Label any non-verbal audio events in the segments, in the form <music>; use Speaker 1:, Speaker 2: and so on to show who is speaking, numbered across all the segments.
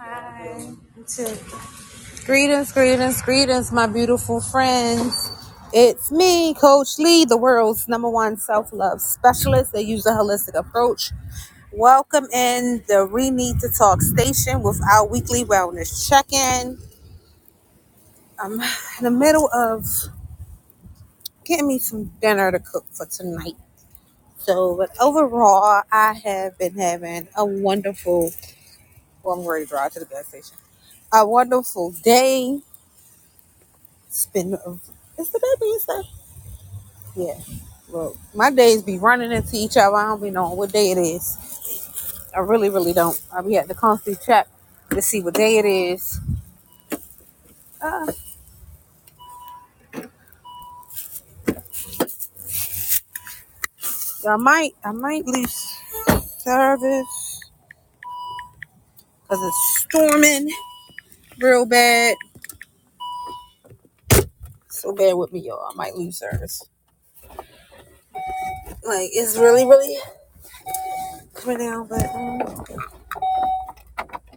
Speaker 1: Hi. Greetings, greetings, greetings, my beautiful friends. It's me, Coach Lee, the world's number one self love specialist that uses a holistic approach. Welcome in the We Need to Talk station with our weekly wellness check in. I'm in the middle of getting me some dinner to cook for tonight. So, but overall, I have been having a wonderful, well, I'm ready to drive to the gas station, a wonderful day. It's been, it's the day, Yeah. Look, my days be running into each other. I don't be knowing what day it is. I really, really don't. I be at the constantly check to see what day it is. Uh, I might, I might leave service because it's storming real bad. So bad with me, y'all. I might leave service. Like it's really, really coming down. But um,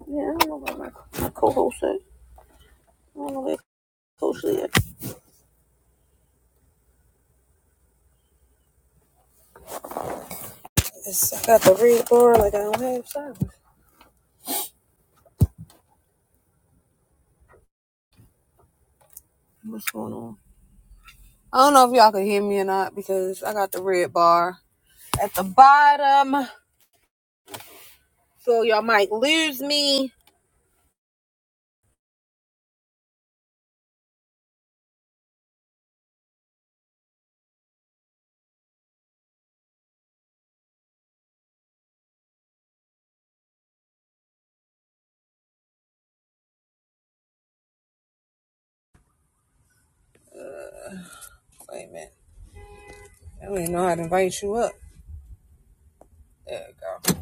Speaker 1: yeah, I don't know what my, my co-host said. I don't know what co-host said. I got the red bar. Like I don't have service. What's going on? I don't know if y'all can hear me or not because I got the red bar at the bottom. So y'all might lose me. Wait a minute. I don't even know how to invite you up. There we go.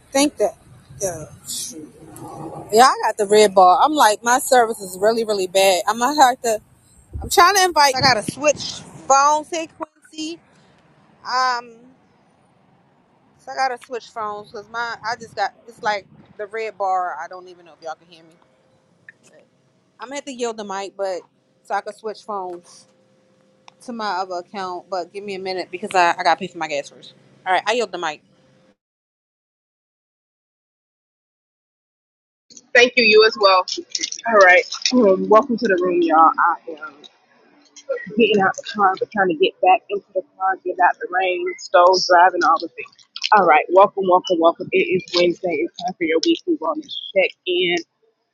Speaker 1: I Think that. Yeah, Yeah, I got the red bar. I'm like, my service is really, really bad. I'm gonna have to. I'm trying to invite. I gotta switch phone frequency. Um, so I gotta switch phones because my I just got it's like the red bar. I don't even know if y'all can hear me. I'm gonna have to yield the mic, but so I can switch phones. to my other account, but give me a minute because I, I gotta pay for my gas first. All right, I yield the mic.
Speaker 2: Thank you, you as well. All right. Um, welcome to the room, y'all. I am getting out the car, but trying to get back into the car, get out the rain, stove, driving, all the things. All right. Welcome, welcome, welcome. It is Wednesday. It's time for your weekly wellness check in.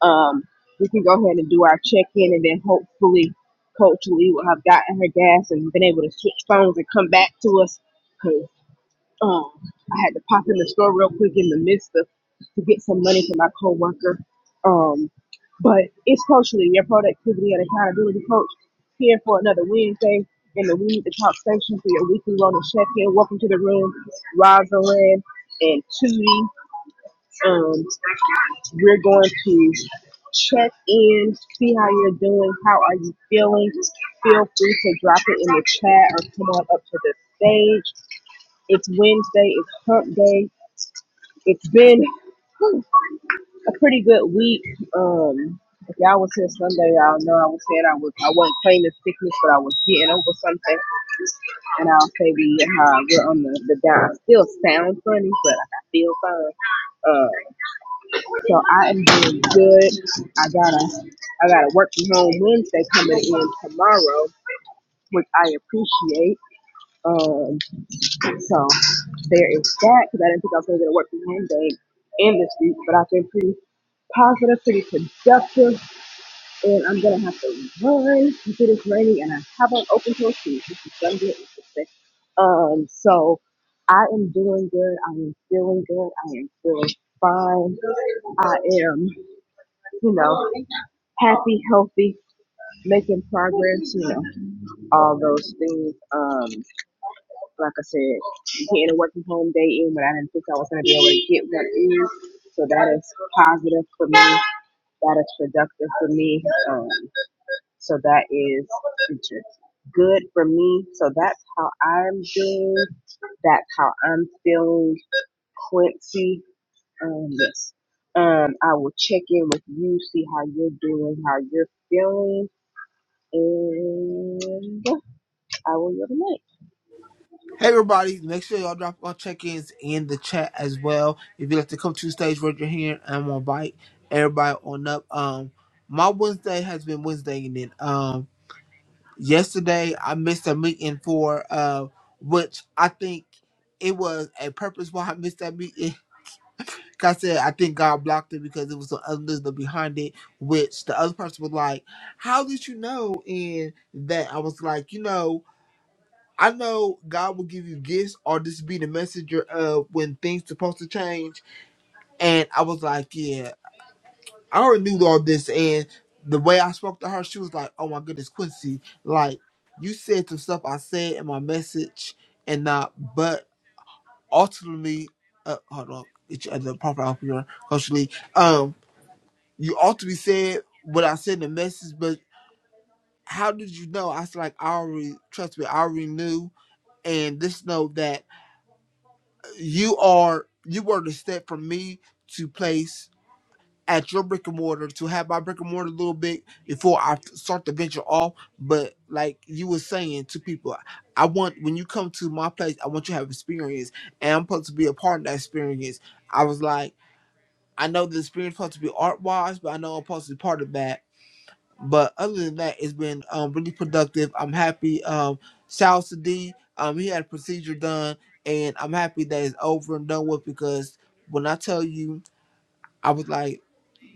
Speaker 2: Um, we can go ahead and do our check in, and then hopefully, Coach Lee will have gotten her gas and been able to switch phones and come back to us. Um, I had to pop in the store real quick in the midst of to get some money for my coworker. Um, but it's coaching your productivity and accountability coach here for another Wednesday in the We Need to Talk section for your weekly wellness check-in. Welcome to the room, Rosalind and Tootie. Um, we're going to check in, see how you're doing, how are you feeling. Feel free to drop it in the chat or come on up to the stage. It's Wednesday. It's hump day. It's been whew, a pretty good week. Um, if y'all was here Sunday, y'all know I was saying I was I wasn't claiming sickness, but I was getting over something. And I'll say we uh, we're on the, the down. Still sound funny, but I feel fine. Uh, so I am doing good. I gotta I gotta work from home Wednesday coming in tomorrow, which I appreciate. Um, So there is that because I didn't think I was going to get a work from home day in this week, but I've been pretty positive, pretty productive, and I'm going to have to run because it is raining and I haven't opened till shoes, which is going to be interesting. Um, so I am doing good. I am feeling good. I am feeling fine. I am, you know, happy, healthy, making progress, you know, all those things. Um. Like I said, getting a working home day in when I didn't think I was going to be able to get one in. So that is positive for me. That is productive for me. Um, so that is good for me. So that's how I'm doing. That's how I'm feeling, Quincy. Um, yes. Um, I will check in with you, see how you're doing, how you're feeling, and I will yield the mic.
Speaker 3: Hey everybody, make sure y'all drop all check-ins in the chat as well. If you'd like to come to the stage, raise your hand and I'm gonna invite everybody on up. Um my Wednesday has been Wednesday and then um yesterday I missed a meeting for uh which I think it was a purpose why I missed that meeting. <laughs> 'Cause I said I think God blocked it because it was some other listener behind it, which the other person was like, How did you know? And that I was like, you know, I know God will give you gifts, or this be the messenger of when things supposed to change. And I was like, yeah, I already knew all this. And the way I spoke to her, she was like, oh my goodness, Quincy, like you said the stuff I said in my message, and not, but ultimately, uh, hold on, each other proper off your culturally. Um, you ultimately said what I said in the message, but how did you know? I was like, I already trust me, I already knew, and just know that. you are you were the step for me to place at your brick and mortar to have my brick and mortar a little bit before I start the venture off. But like you were saying to people, I want when you come to my place, I want you to have experience, and I'm supposed to be a part of that experience. I was like, I know the experience supposed to be art wise, but I know I'm supposed to be part of that but other than that, it's been um really productive. I'm happy. Um, Sal Sadi, um, he had a procedure done, and I'm happy that it's over and done with because when I tell you, I was like.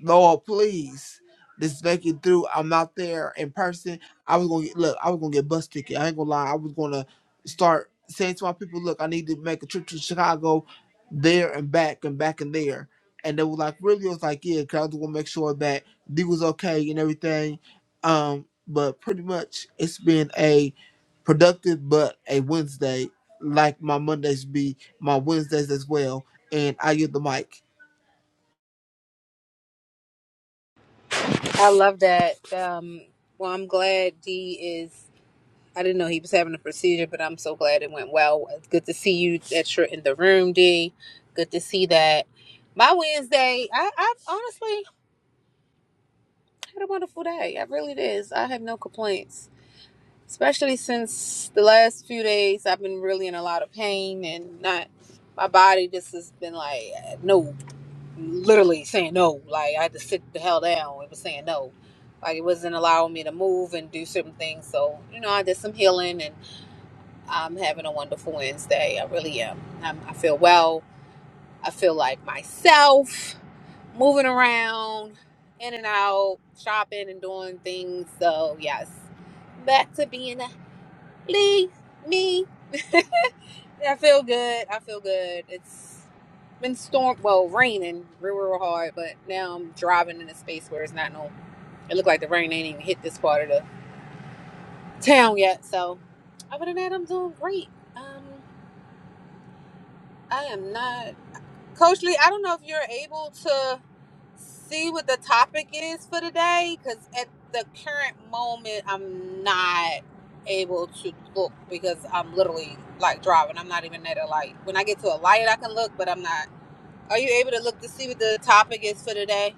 Speaker 3: Lord, please. Just make it through. I'm not there in person. I was gonna get, look. I was gonna get bus ticket. I ain't gonna lie. I was gonna start saying to my people, look, I need to make a trip to Chicago, there and back and back and there. And they were like, really? I was like, yeah, cause I was gonna make sure that D was okay and everything. Um, but pretty much it's been a productive but a Wednesday, like my Mondays be my Wednesdays as well. And I get the mic.
Speaker 4: I love that. Um, well, I'm glad D is. I didn't know he was having a procedure, but I'm so glad it went well. It's good to see you that you're in the room, D. Good to see that. My Wednesday, I, I honestly had a wonderful day. I really did. I have no complaints, especially since the last few days I've been really in a lot of pain and not. My body just has been like, no. literally saying no. Like I had to sit the hell down. It was saying no. Like it wasn't allowing me to move and do certain things. So you know, I did some healing, and I'm having a wonderful Wednesday. I really am. I'm, I feel well. I feel like myself, moving around, in and out, shopping and doing things. So yes, back to being a Lee me. <laughs> I feel good. I feel good. It's been storm, well, raining real, real hard, but now I'm driving in a space where it's not no. It looked like the rain ain't even hit this part of the town yet. So, other than that, I'm doing great. Um, I am not, Coach Lee. I don't know if you're able to see what the topic is for today, because at the current moment, I'm not able to look because I'm literally like driving. I'm not even at a light. When I get to a light, I can look, but I'm not. Are you able to look to see what the topic is for today?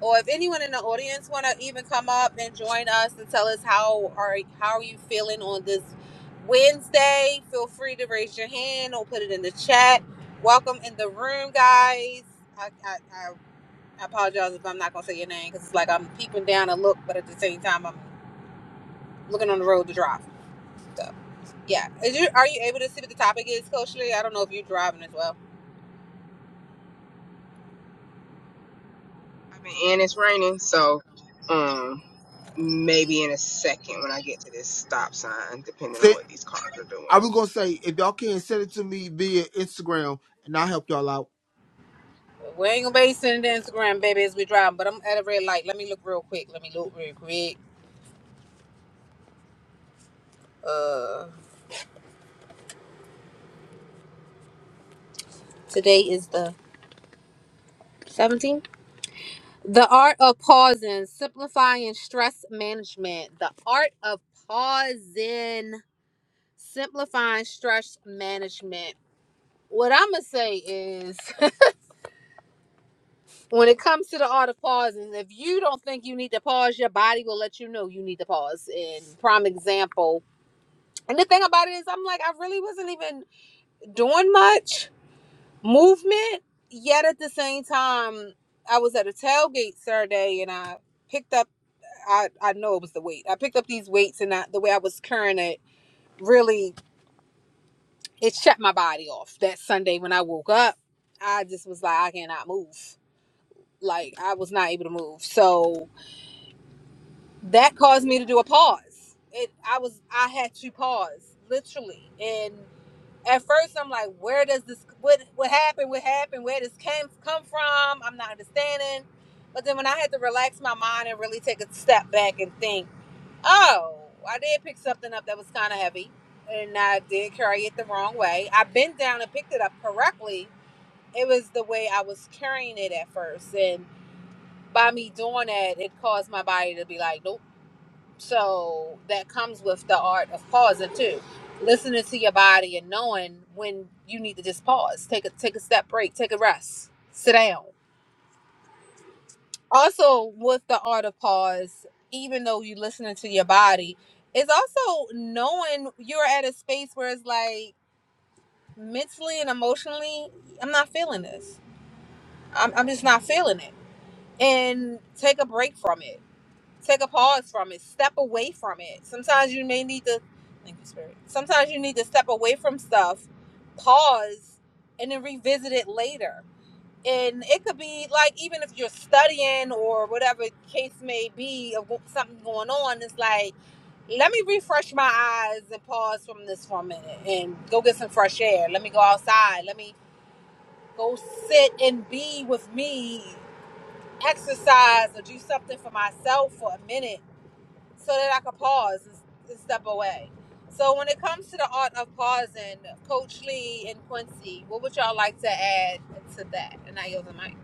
Speaker 4: Or if anyone in the audience want to even come up and join us and tell us how are how are you feeling on this Wednesday? Feel free to raise your hand or put it in the chat. Welcome in the room, guys. I I, I I apologize if I'm not gonna say your name because it's like I'm peeping down and look, but at the same time I'm looking on the road to drive. So yeah, is you are you able to see what the topic is, Coach Lee? I don't know if you're driving as well.
Speaker 2: I've been in, it's raining, so um, maybe in a second when I get to this stop sign, depending on what these cars are doing.
Speaker 3: I was gonna say if y'all can send it to me via Instagram and I'll help y'all out.
Speaker 4: We ain't gonna be sending the Instagram, baby, as we driving. But I'm at a red light. Let me look real quick. Let me look real quick. Uh, today is the 17th. The art of pausing, simplifying stress management. The art of pausing, simplifying stress management. What I'm gonna say is, <laughs> when it comes to the art of pausing, if you don't think you need to pause, your body will let you know you need to pause. And prime example. And the thing about it is, I'm like, I really wasn't even doing much movement yet at the same time i was at a tailgate saturday and i picked up i i know it was the weight i picked up these weights and I, the way i was carrying it really it shut my body off that sunday when i woke up i just was like i cannot move like i was not able to move so that caused me to do a pause it i was i had to pause literally and. at first I'm like, where does this what what happened? What happened? Where this came come from? I'm not understanding. But then when I had to relax my mind and really take a step back and think, oh, I did pick something up that was kind of heavy, and I did carry it the wrong way. I bent down and picked it up correctly. It was the way I was carrying it at first, and by me doing that, it caused my body to be like, nope so that comes with the art of pausing too. Listening to your body and knowing when you need to just pause. Take a take a step break, take a rest, sit down. Also with the art of pause, even though you're listening to your body, it's also knowing you're at a space where it's like mentally and emotionally, I'm not feeling this. I'm, I'm just not feeling it. And take a break from it Take a pause from it. Step away from it. Sometimes you may need to thank you, spirit. Sometimes you need to step away from stuff, pause, and then revisit it later. And it could be like even if you're studying or whatever case may be of something going on, it's like let me refresh my eyes and pause from this for a minute and go get some fresh air. Let me go outside. Let me go sit and be with me, exercise, or do something for myself for a minute so that I could pause and, and step away. So when it comes to the art of pausing, Coach Lee and Quincy, what would y'all like to add to that? And I yield the mic.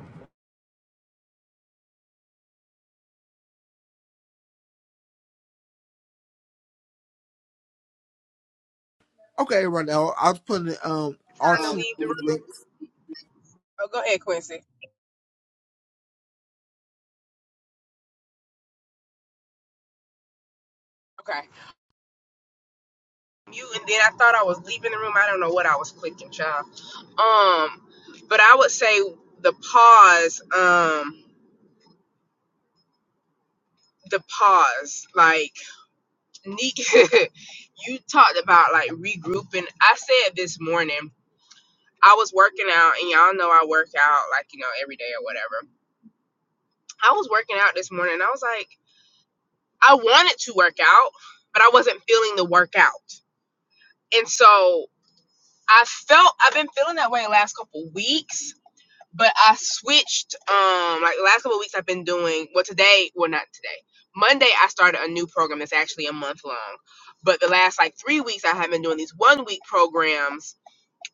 Speaker 3: Okay, right now I was putting um our
Speaker 2: Trying to
Speaker 3: two
Speaker 2: leave the room.
Speaker 3: links.
Speaker 2: Oh, go ahead, Quincy. Okay. You and then I thought I was leaving the room. I don't know what I was clicking, child. Um, but I would say the pause. Um, the pause. Like Neek, <laughs> you talked about like regrouping. I said this morning. I was working out, and y'all know I work out like you know every day or whatever. I was working out this morning, and I was like. I wanted to work out, but I wasn't feeling the workout. And so I felt I've been feeling that way the last couple of weeks, but I switched um like the last couple of weeks I've been doing well today, well not today. Monday I started a new program that's actually a month long. But the last like three weeks I have been doing these one week programs,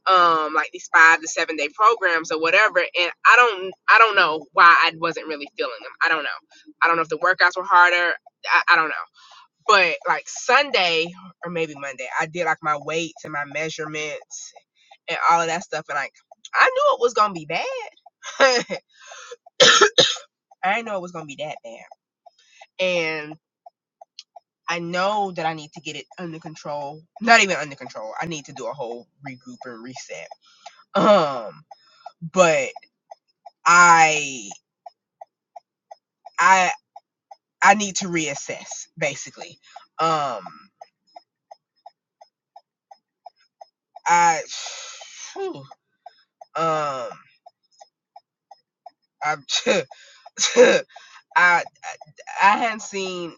Speaker 2: um, like these five to seven day programs or whatever. And I don't I don't know why I wasn't really feeling them. I don't know. I don't know if the workouts were harder. I, I don't know. But like Sunday or maybe Monday, I did like my weights and my measurements and all of that stuff. And like, I knew it was going to be bad. <laughs> I didn't know it was going to be that bad. And I know that I need to get it under control. Not even under control. I need to do a whole regroup and reset. Um, but I, I, I need to reassess basically. Um, I, <sighs> whew, um, I'm <laughs> <laughs> I I I hadn't seen.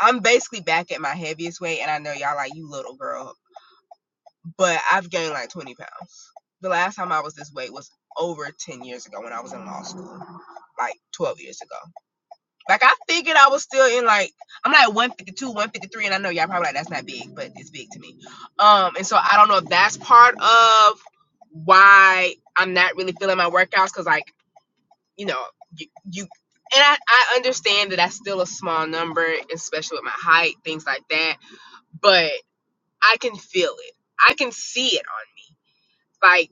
Speaker 2: I'm basically back at my heaviest weight, and I know y'all like you little girl, but I've gained like 20 pounds. The last time I was this weight was over 10 years ago when I was in law school, like 12 years ago. Like I figured I was still in like I'm like 152, 153, and I know y'all probably like that's not big, but it's big to me. Um, and so I don't know if that's part of why I'm not really feeling my workouts because like you know, you, you and I, I understand that that's still a small number, especially with my height, things like that, but I can feel it. I can see it on me like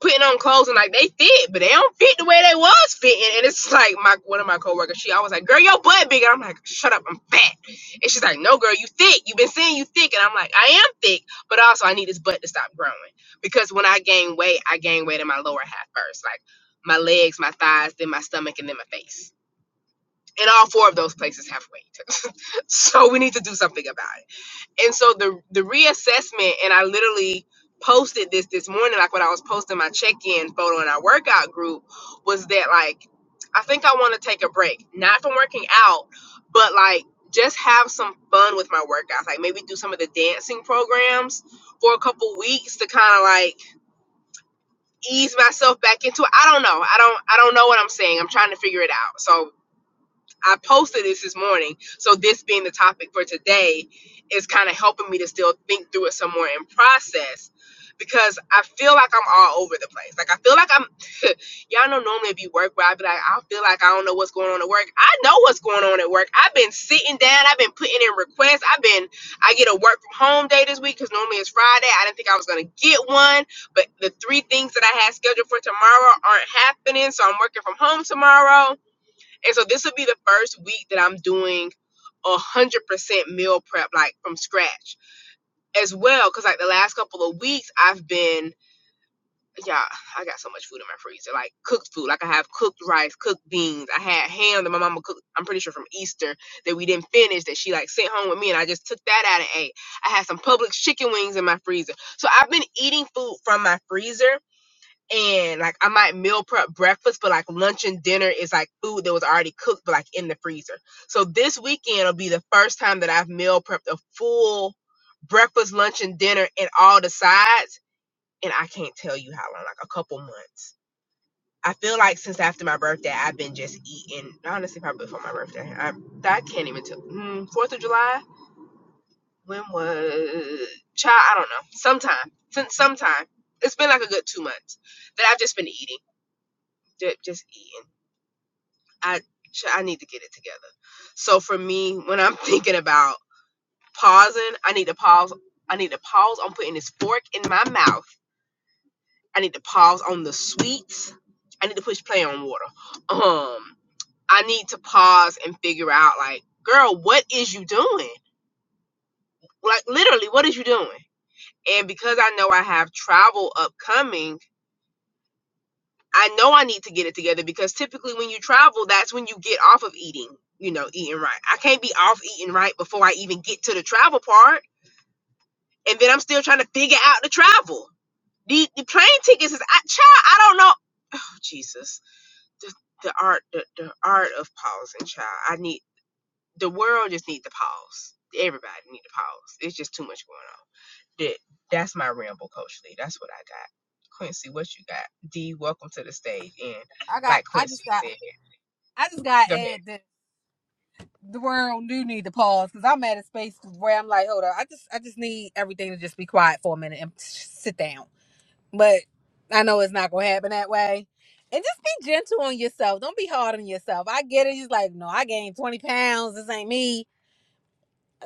Speaker 2: putting on clothes and like they fit, but they don't fit the way they was fitting. And it's like my one of my coworkers, she always like, "Girl, your butt big." And I'm like, "Shut up, I'm fat." And she's like, "No, girl, you thick. You've been saying you thick." And I'm like, "I am thick, but also I need this butt to stop growing because when I gain weight, I gain weight in my lower half first, like my legs, my thighs, then my stomach, and then my face." And all four of those places have weight. <laughs> so we need to do something about it and so the the reassessment and i literally posted this this morning like when i was posting my check-in photo in our workout group was that like i think i want to take a break not from working out but like just have some fun with my workouts like maybe do some of the dancing programs for a couple weeks to kind of like ease myself back into it i don't know i don't i don't know what i'm saying i'm trying to figure it out So. I posted this this morning. So this being the topic for today is kind of helping me to still think through it some more and process because I feel like I'm all over the place. Like I feel like I'm <laughs> y'all know normally it'd be work where I'd be like, I feel like I don't know what's going on at work. I know what's going on at work. I've been sitting down, I've been putting in requests. I've been I get a work from home day this week because normally it's Friday. I didn't think I was gonna get one, but the three things that I had scheduled for tomorrow aren't happening. So I'm working from home tomorrow and so this will be the first week that I'm doing a hundred percent meal prep, like from scratch as well. Cause like the last couple of weeks I've been, yeah, I got so much food in my freezer, like cooked food. Like I have cooked rice, cooked beans. I had ham that my mama cooked. I'm pretty sure from Easter that we didn't finish that she like sent home with me and I just took that out and ate. I had some Publix chicken wings in my freezer. So I've been eating food from my freezer and like I might meal prep breakfast, but like lunch and dinner is like food that was already cooked, but like in the freezer. So this weekend will be the first time that I've meal prepped a full breakfast, lunch, and dinner and all the sides, and I can't tell you how long, like a couple months. I feel like since after my birthday, I've been just eating. Honestly, probably before my birthday, I I can't even tell. Mm, Fourth of July when was child? I don't know. Sometime since sometime it's been like a good two months that I've just been eating ju- just eating. I I need to get it together. So for me, when I'm <laughs> thinking about pausing, I need to pause. I need to pause on putting this fork in my mouth. I need to pause on the sweets. I need to push play on water. Um, I need to pause and figure out like, girl, what is you doing? Like literally, what is you doing? And because I know I have travel upcoming, I know I need to get it together because typically when you travel, that's when you get off of eating, you know, eating right. I can't be off eating right before I even get to the travel part. And then I'm still trying to figure out the travel. The, the plane tickets is, I, child, I don't know. Oh, Jesus. The, the art, the, the art of pausing, child. I need, the world just need to pause. Everybody need to pause. It's just too much going on. That that's my ramble, Coach Lee. That's what I got. Quincy, what you got? D, welcome to the stage. And
Speaker 4: I got.
Speaker 2: like
Speaker 4: I just
Speaker 2: Quincy
Speaker 4: got.
Speaker 2: said,
Speaker 4: I just got
Speaker 2: go
Speaker 4: to
Speaker 2: ahead.
Speaker 4: add that the world do need to pause because I'm at a space where I'm like, hold on. I just. I just need everything to just be quiet for a minute and sit down. But I know it's not gonna happen that way. And just be gentle on yourself. Don't be hard on yourself. I get it. He's like, no, I gained 20 pounds. This ain't me.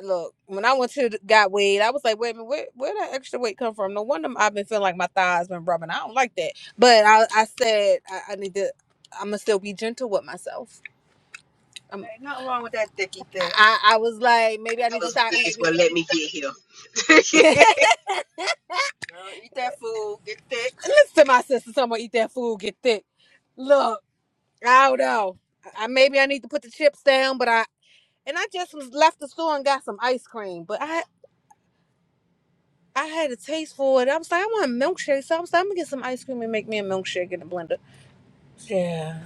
Speaker 4: look, when I went to the- got weighed, I was like, wait a minute, where where that extra weight come from? No wonder I've been feeling like my thighs been rubbing. I don't like that. But I, I said I, I need to. I'm gonna still be gentle with myself. I'm, Ain't nothing wrong with that thicky thing. I I was like, maybe I
Speaker 2: That
Speaker 4: need to
Speaker 2: was
Speaker 4: stop
Speaker 2: This is
Speaker 4: eating.
Speaker 2: what let me get here.
Speaker 4: <laughs> Listen,
Speaker 2: <laughs>
Speaker 4: Girl, eat that food, get thick. <laughs> Listen, my sister, someone eat that food, get thick. Look, I don't know. I maybe I need to put the chips down, but I and I just was left the store and got some ice cream, but I I had a taste for it. I was like, I want a milkshake. So I was like, I'm gonna get some ice cream and make me a milkshake in the blender. Yeah.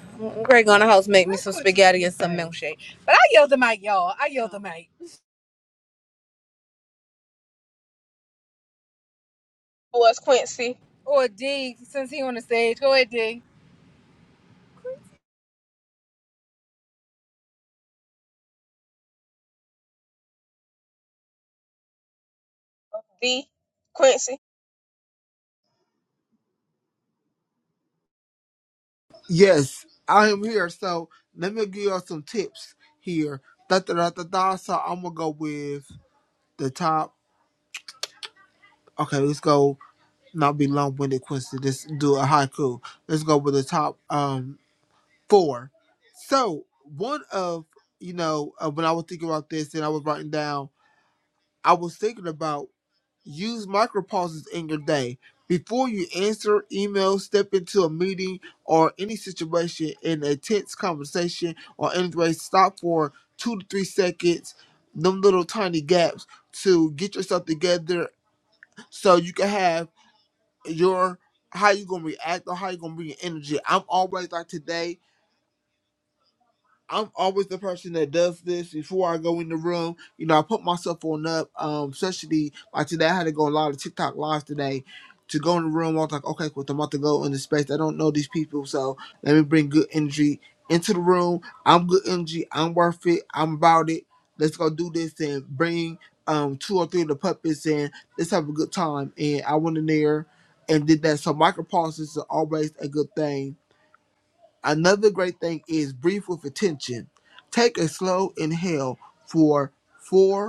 Speaker 4: Greg on the house make me some spaghetti and some milkshake. But I yelled the mic, y'all. I yelled the mic.
Speaker 2: was Quincy.
Speaker 4: Or D, since he on the stage. Go ahead, D.
Speaker 2: D. Quincy.
Speaker 3: Yes, I am here. So let me give y'all some tips here. Da da da da da. So I'm gonna go with the top. Okay, let's go. Not be long winded, Quincy. Let's do a haiku. Let's go with the top um four. So one of you know uh, when I was thinking about this and I was writing down, I was thinking about Use micropauses in your day. Before you answer emails, step into a meeting or any situation in a tense conversation or anyway, stop for two to three seconds, them little tiny gaps to get yourself together so you can have your how you gonna react or how you gonna bring your energy. I'm always like today. I'm always the person that does this before I go in the room. You know, I put myself on up, um, especially like today. I had to go a lot of TikTok lives today. To go in the room, I was like, okay, cool, I'm about to go in the space. I don't know these people, so let me bring good energy into the room. I'm good energy. I'm worth it. I'm about it. Let's go do this and bring um two or three of the puppets and let's have a good time. And I went in there and did that. So micro pauses are always a good thing Another great thing is breathe with attention. Take a slow inhale for four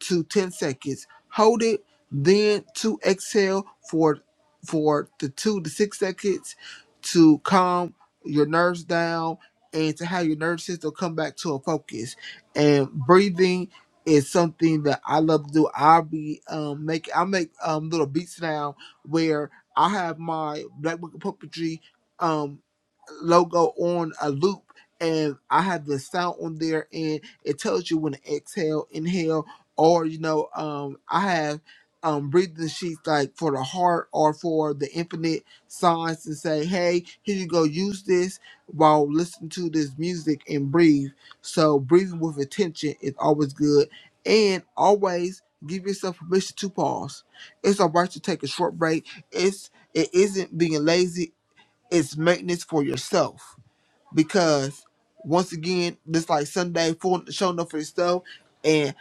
Speaker 3: to 10 seconds. Hold it, then to exhale for for the two to six seconds to calm your nerves down and to have your nervous system come back to a focus. And breathing is something that I love to do. I'll be um make I make um little beats now where I have my Black Book of Puppetry um logo on a loop and I have the sound on there and it tells you when to exhale, inhale, or you know um i have um breathing sheets like for the heart or for the infinite signs and say hey here you go use this while listening to this music and breathe so breathing with attention is always good and always give yourself permission to pause it's all right to take a short break it's it isn't being lazy it's maintenance for yourself because once again just like sunday full showing up for yourself and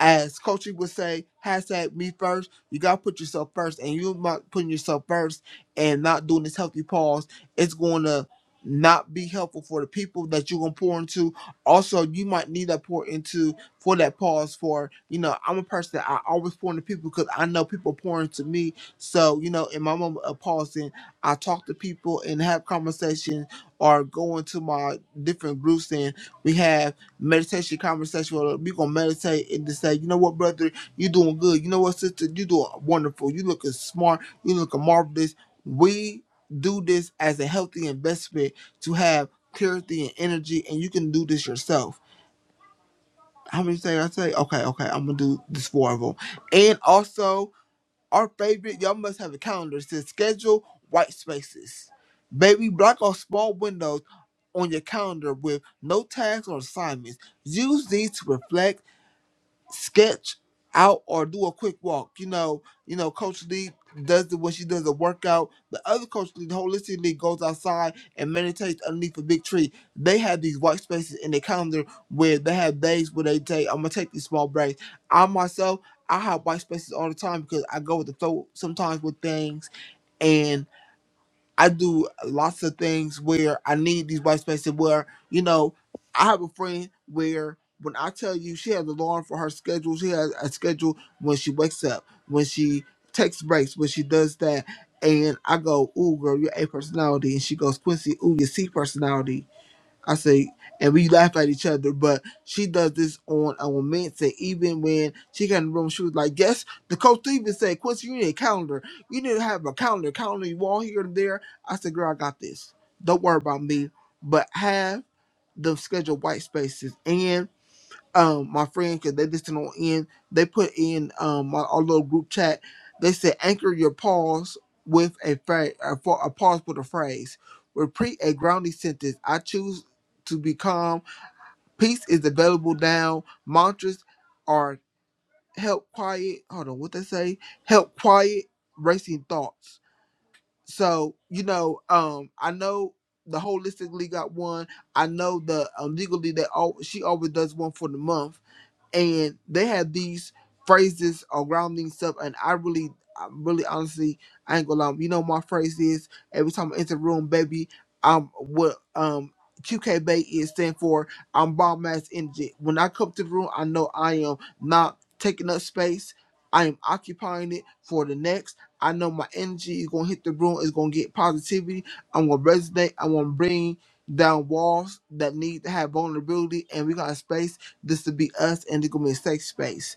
Speaker 3: as coaching would say, hashtag me first. You gotta put yourself first, and you not putting yourself first and not doing this healthy pause, it's gonna not be helpful for the people that you're gonna pour into. Also, you might need that pour into for that pause. For you know, I'm a person that I always pour into people because I know people pour into me. So you know, in my moment of pausing, I talk to people and have conversations, or go into my different groups and we have meditation conversation. We're gonna meditate and just say, you know what, brother, you doing good. You know what, sister, you doing wonderful. You looking smart. You looking marvelous. We do this as a healthy investment to have clarity and energy, and you can do this yourself. How many say I say? Okay, okay, I'm gonna do this four of them, and also our favorite. Y'all must have a calendar. It says schedule white spaces. Baby, block off small windows on your calendar with no tasks or assignments. Use these to reflect sketch out or do a quick walk. You know, you know, Coach Lee does the when she does a workout. The other Coach Lee, the holistic league, goes outside and meditates underneath a big tree. They have these white spaces in their calendar where they have days where they say, I'm gonna take these small breaks. I myself I have white spaces all the time because I go with the flow sometimes with things I do lots of things where I need these white spaces where, you know, I have a friend where when I tell you she has an alarm for her schedule, she has a schedule when she wakes up, when she takes breaks, when she does that. And I go, ooh, girl, you're A personality. And she goes, Quincy, ooh, you're C personality. I say, and we laugh at each other, but she does this on a moment. Say, even when she got in the room, she was like, Yes, the coach even said, Quincy, you need a calendar. You need to have a calendar, calendar you all here and there. I said, Girl, I got this. Don't worry about me, but have the scheduled white spaces. and." um my friends because they listen on in they put in um my, our little group chat they said anchor your pause with a phrase a, fa- a pause with a phrase repeat a grounding sentence i choose to be calm peace is available now mantras are help quiet hold on what they say help quiet racing thoughts so you know um i know the holistically got one i know the um legally they all she always does one for the month and they had these phrases around these stuff, and i really i really honestly i ain't gonna lie you know my phrase is every time i enter a room baby i'm what um qk is stand for i'm bomb ass energy when i come to the room i know i am not taking up space i am occupying it for the next i know my energy is gonna hit the room it's gonna get positivity i'm gonna resonate i'm gonna bring down walls that need to have vulnerability and we got a space this to be us, and it's gonna be a safe space.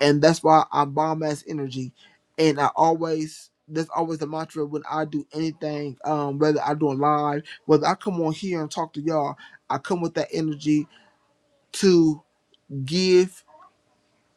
Speaker 3: And that's why I bomb ass energy. And I always that's always the mantra when I do anything, um, whether I do it live, whether I come on here and talk to y'all, I come with that energy to give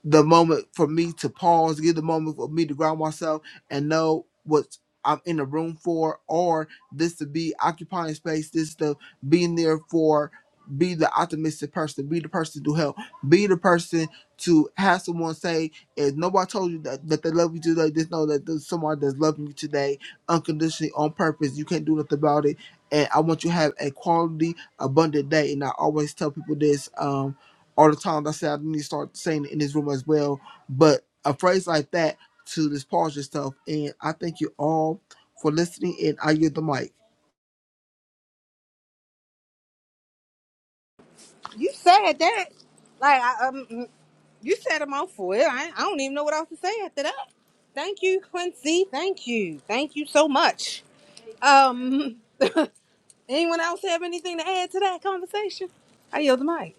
Speaker 3: the moment for me to pause, give the moment for me to ground myself and know what I'm in the room for, or this to be occupying space, this to being there for, be the optimistic person, be the person to help, be the person to have someone say, if nobody told you that, that they love you today, just know that there's somebody that's loving you today unconditionally on purpose. You can't do nothing about it. And I want you to have a quality, abundant day. And I always tell people this. Um, all the time. That's it. I need to start saying it in this room as well. But a phrase like that to dispose yourself. And I thank you all for listening. And I yield the mic.
Speaker 4: You said that. Like, I, um, mm, you said a mouthful. I, I don't even know what else to say after that. Thank you, Quincy. Thank you. Thank you so much. Um, <laughs> anyone else have anything to add to that conversation? I yield the mic.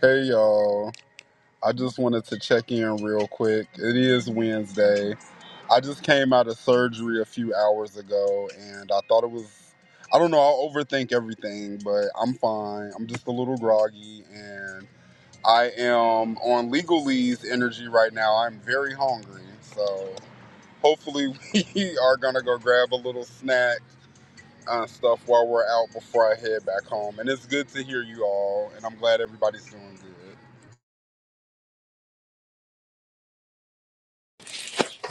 Speaker 5: Hey y'all. I just wanted to check in real quick. It is Wednesday. I just came out of surgery a few hours ago and I thought it was I don't know, I'll overthink everything, but I'm fine. I'm just a little groggy and I am on Legal Lee's energy right now. I'm very hungry. So hopefully <laughs> we are gonna go grab a little snack uh, stuff while we're out before I head back home. And it's good to hear you all and I'm glad everybody's doing good.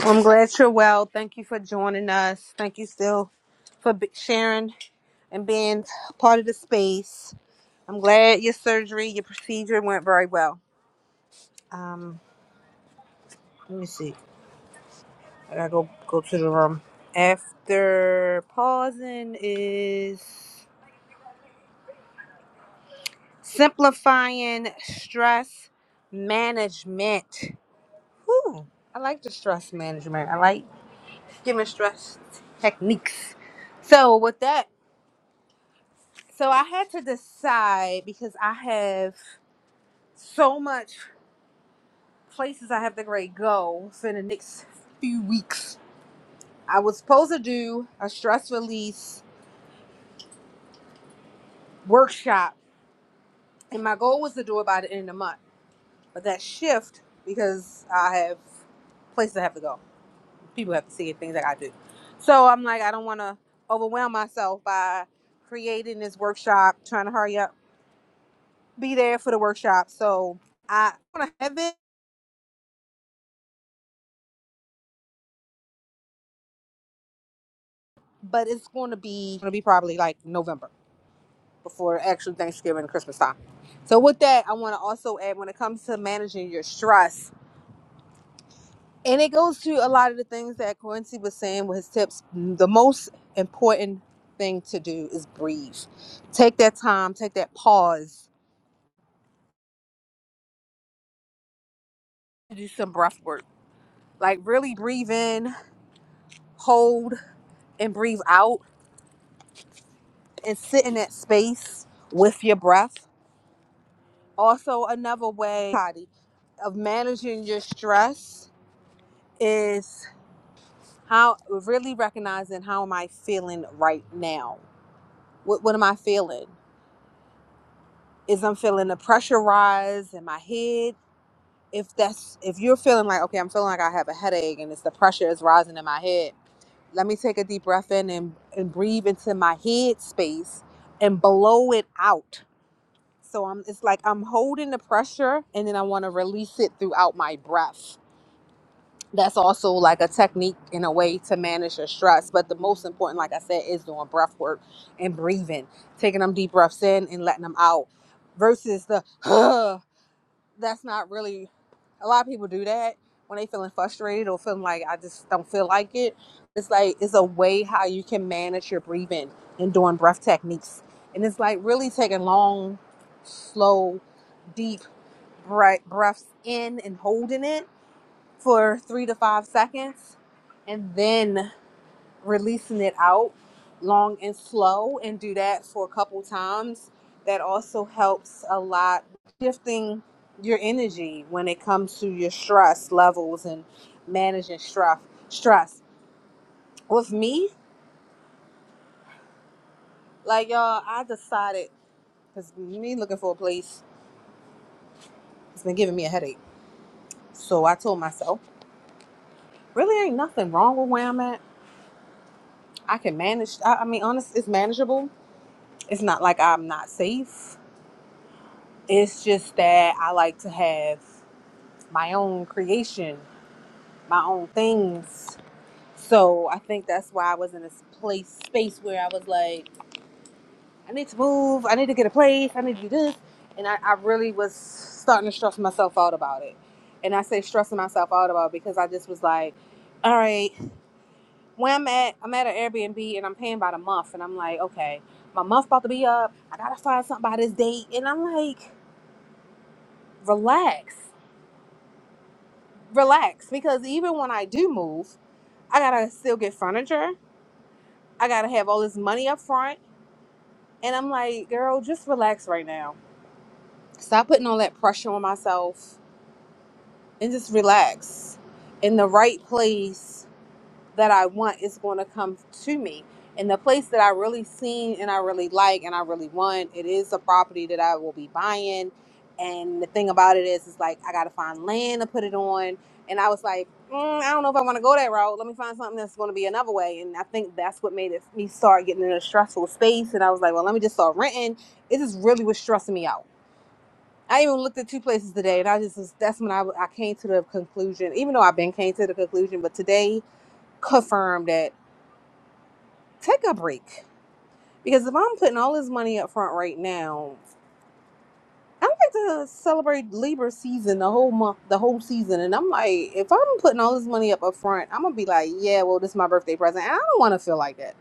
Speaker 4: I'm glad you're well. Thank you for joining us. Thank you still for b- sharing and being part of the space. I'm glad your surgery, your procedure went very well. Um, let me see. I gotta go go to the room. After pausing is simplifying stress management. Whew, I like the stress management. I like giving stress techniques. So with that. So I had to decide because I have so much places I have to grade go for the next few weeks. I was supposed to do a stress release workshop, and my goal was to do it by the end of the month. But that shift because I have places I have to go, people have to see it, things I gotta do. So I'm like, I don't want to overwhelm myself by creating this workshop, trying to hurry up, be there for the workshop. So I want to have it but it's going to be going to be probably like November before actual Thanksgiving and Christmas time. So with that, I want to also add when it comes to managing your stress, and it goes to a lot of the things that Quincy was saying with his tips. The most important thing to do is breathe. Take that time, take that pause, and do some breath work. Like really breathe in, hold, and breathe out, and sit in that space with your breath. Also, another way Tati, of managing your stress is how really recognizing how am I feeling right now? What, what am I feeling? Is I'm feeling the pressure rise in my head? If that's if you're feeling like okay, I'm feeling like I have a headache and it's the pressure is rising in my head. Let me take a deep breath in and, and breathe into my head space and blow it out. So I'm it's like I'm holding the pressure and then I want to release it throughout my breath. that's also like a technique in a way to manage your stress. But the most important, like I said, is doing breath work and breathing, taking them deep breaths in and letting them out versus the, <sighs> that's not really, a lot of people do that when they feeling frustrated or feeling like I just don't feel like it. It's like, it's a way how you can manage your breathing and doing breath techniques. And it's like really taking long, slow, deep breath, breaths in and holding it for three to five seconds and then releasing it out long and slow and do that for a couple times that also helps a lot shifting your energy when it comes to your stress levels and managing stress stress with me like y'all i decided because me looking for a place it's been giving me a headache so i told myself really ain't nothing wrong with where i'm at i can manage i, I mean honest it's manageable it's not like I'm not safe. It's just that I like to have my own creation, my own things. So I think that's why I was in this place space where I was like, I need to move, I need to get a place, I need to do this. And I, I really was starting to stress myself out about it. And I say stressing myself out about it because I just was like, all right, where I'm at, I'm at an Airbnb and I'm paying by the month. And I'm like, okay, my month about to be up. I gotta find something by this date. And I'm like, relax relax because even when i do move i gotta still get furniture i gotta have all this money up front and i'm like girl just relax right now stop putting all that pressure on myself and just relax in the right place that I want is going to come to me. And the place that I really seen and I really like and I really want, it is a property that I will be buying. And the thing about it is, it's like I got to find land to put it on. And I was like, mm, I don't know if I want to go that route. Let me find something that's going to be another way. And I think that's what made it me start getting in a stressful space. And I was like, well, let me just start renting. It just really was stressing me out. I even looked at two places today, and I just was, that's when I, I came to the conclusion. Even though I've been came to the conclusion, but today confirmed that take a break because if I'm putting all this money up front right now, I like to celebrate Libra season the whole month, the whole season, and I'm like, if I'm putting all this money up up front, I'm gonna be like, yeah, well, this is my birthday present, and I don't want to feel like that.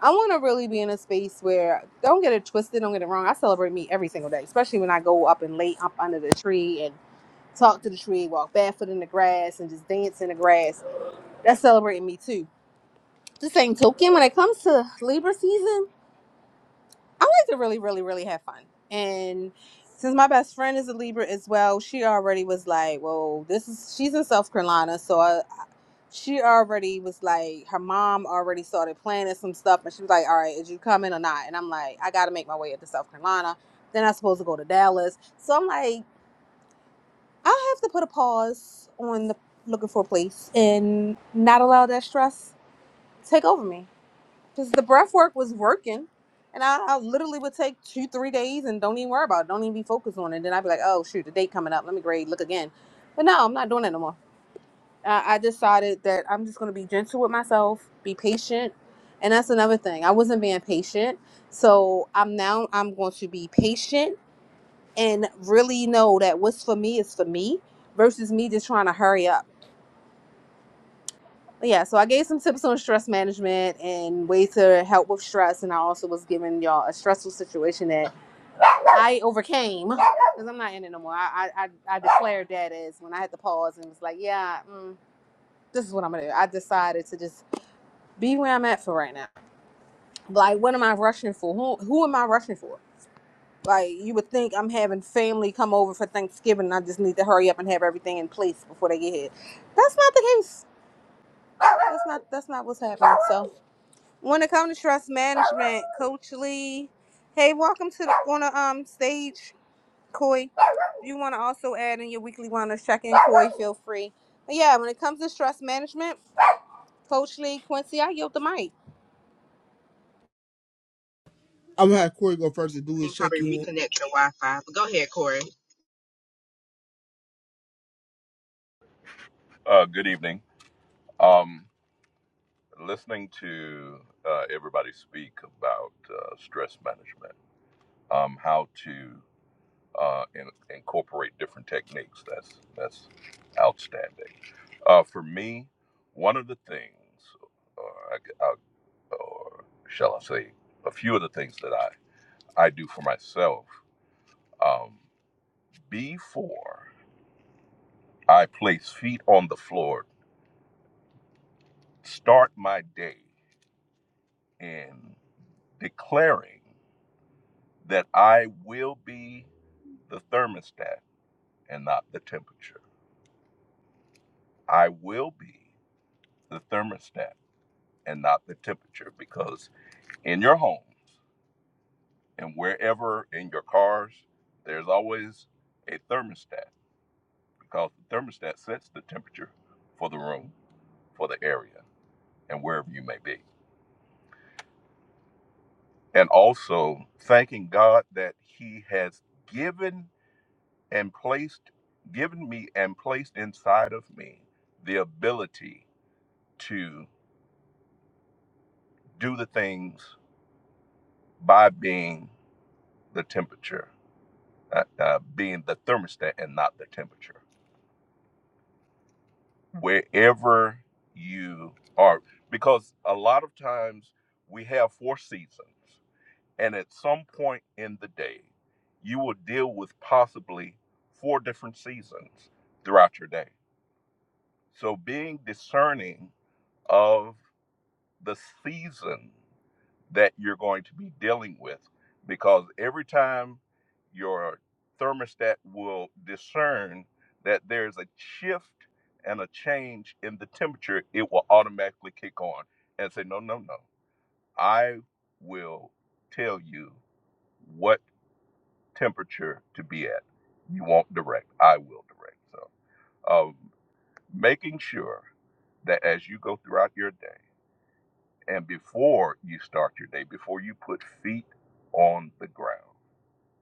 Speaker 4: I want to really be in a space where don't get it twisted, don't get it wrong. I celebrate me every single day, especially when I go up and lay up under the tree and talk to the tree, walk barefoot in the grass, and just dance in the grass. That's celebrating me too. The same token, when it comes to Libra season. I like to really, really, really have fun. And since my best friend is a Libra as well, she already was like, "Well, this is she's in South Carolina, so I, she already was like, her mom already started planning some stuff, and she was like, "All right, is you coming or not?" And I'm like, "I got to make my way up to South Carolina. Then I'm supposed to go to Dallas, so I'm like, I have to put a pause on the looking for a place and not allow that stress to take over me." because the breath work was working. And I, I literally would take two, three days and don't even worry about it. Don't even be focused on it. Then I'd be like, oh, shoot, the date coming up. Let me grade, look again. But no, I'm not doing that no more. I, I decided that I'm just going to be gentle with myself, be patient. And that's another thing. I wasn't being patient. So I'm now, I'm going to be patient and really know that what's for me is for me versus me just trying to hurry up. yeah, so I gave some tips on stress management and ways to help with stress, and I also was giving y'all a stressful situation that I overcame because I'm not in it no more. I, I I declared that as when I had to pause and was like, yeah, mm, this is what I'm gonna do. I decided to just be where I'm at for right now. Like, what am I rushing for? Who who am I rushing for? Like, you would think I'm having family come over for Thanksgiving, and I just need to hurry up and have everything in place before they get here. That's not the case. That's not that's not what's happening. So. When it comes to stress management, Coach Lee, hey, welcome to the on the um stage, Coy. If you want to also add in your weekly wellness check-in, Coy? feel free. But yeah, when it comes to stress management, Coach Lee, Quincy, I yield the mic.
Speaker 3: I'm gonna have Corey go first and do
Speaker 2: You
Speaker 3: his
Speaker 2: can
Speaker 3: check
Speaker 2: probably
Speaker 3: in.
Speaker 2: reconnect your Wi-Fi, but go ahead, Corey.
Speaker 6: Uh, good evening. Um, listening to uh, everybody speak about uh, stress management, um, how to uh, in, incorporate different techniques. That's that's outstanding. Uh, for me, one of the things, or, I, g- I- or shall I say, a few of the things that I I do for myself um, before I place feet on the floor, start my day in declaring. that I will be the thermostat and not the temperature. I will be the thermostat and not the temperature because in your homes and wherever in your cars, there's always a thermostat because the thermostat sets the temperature for the room, for the area, and wherever you may be. And also thanking God that He has given and placed, given me and placed inside of me the ability to do the things by being the temperature, uh, uh, being the thermostat and not the temperature. Wherever you are, because a lot of times we have four seasons, and at some point in the day, you will deal with possibly four different seasons throughout your day. So being discerning of the season that you're going to be dealing with because every time your thermostat will discern that there's a shift and a change in the temperature, it will automatically kick on and say, No, no, no. I will tell you what temperature to be at. You won't direct, I will direct. So, um, making sure that as you go throughout your day, and before you start your day, before you put feet on the ground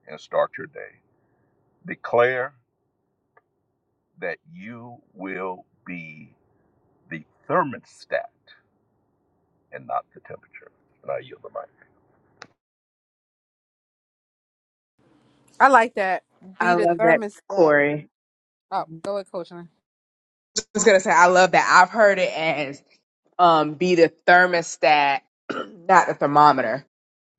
Speaker 6: and start your day, declare that you will be the thermostat and not the temperature. And I yield the mic.
Speaker 4: I like that.
Speaker 2: I
Speaker 4: Be the
Speaker 2: love that,
Speaker 4: thermostat.
Speaker 2: Corey.
Speaker 4: Oh, go ahead, Coach Lee.
Speaker 2: I was gonna say I love that. I've heard it as um be the thermostat, <clears throat> not the thermometer,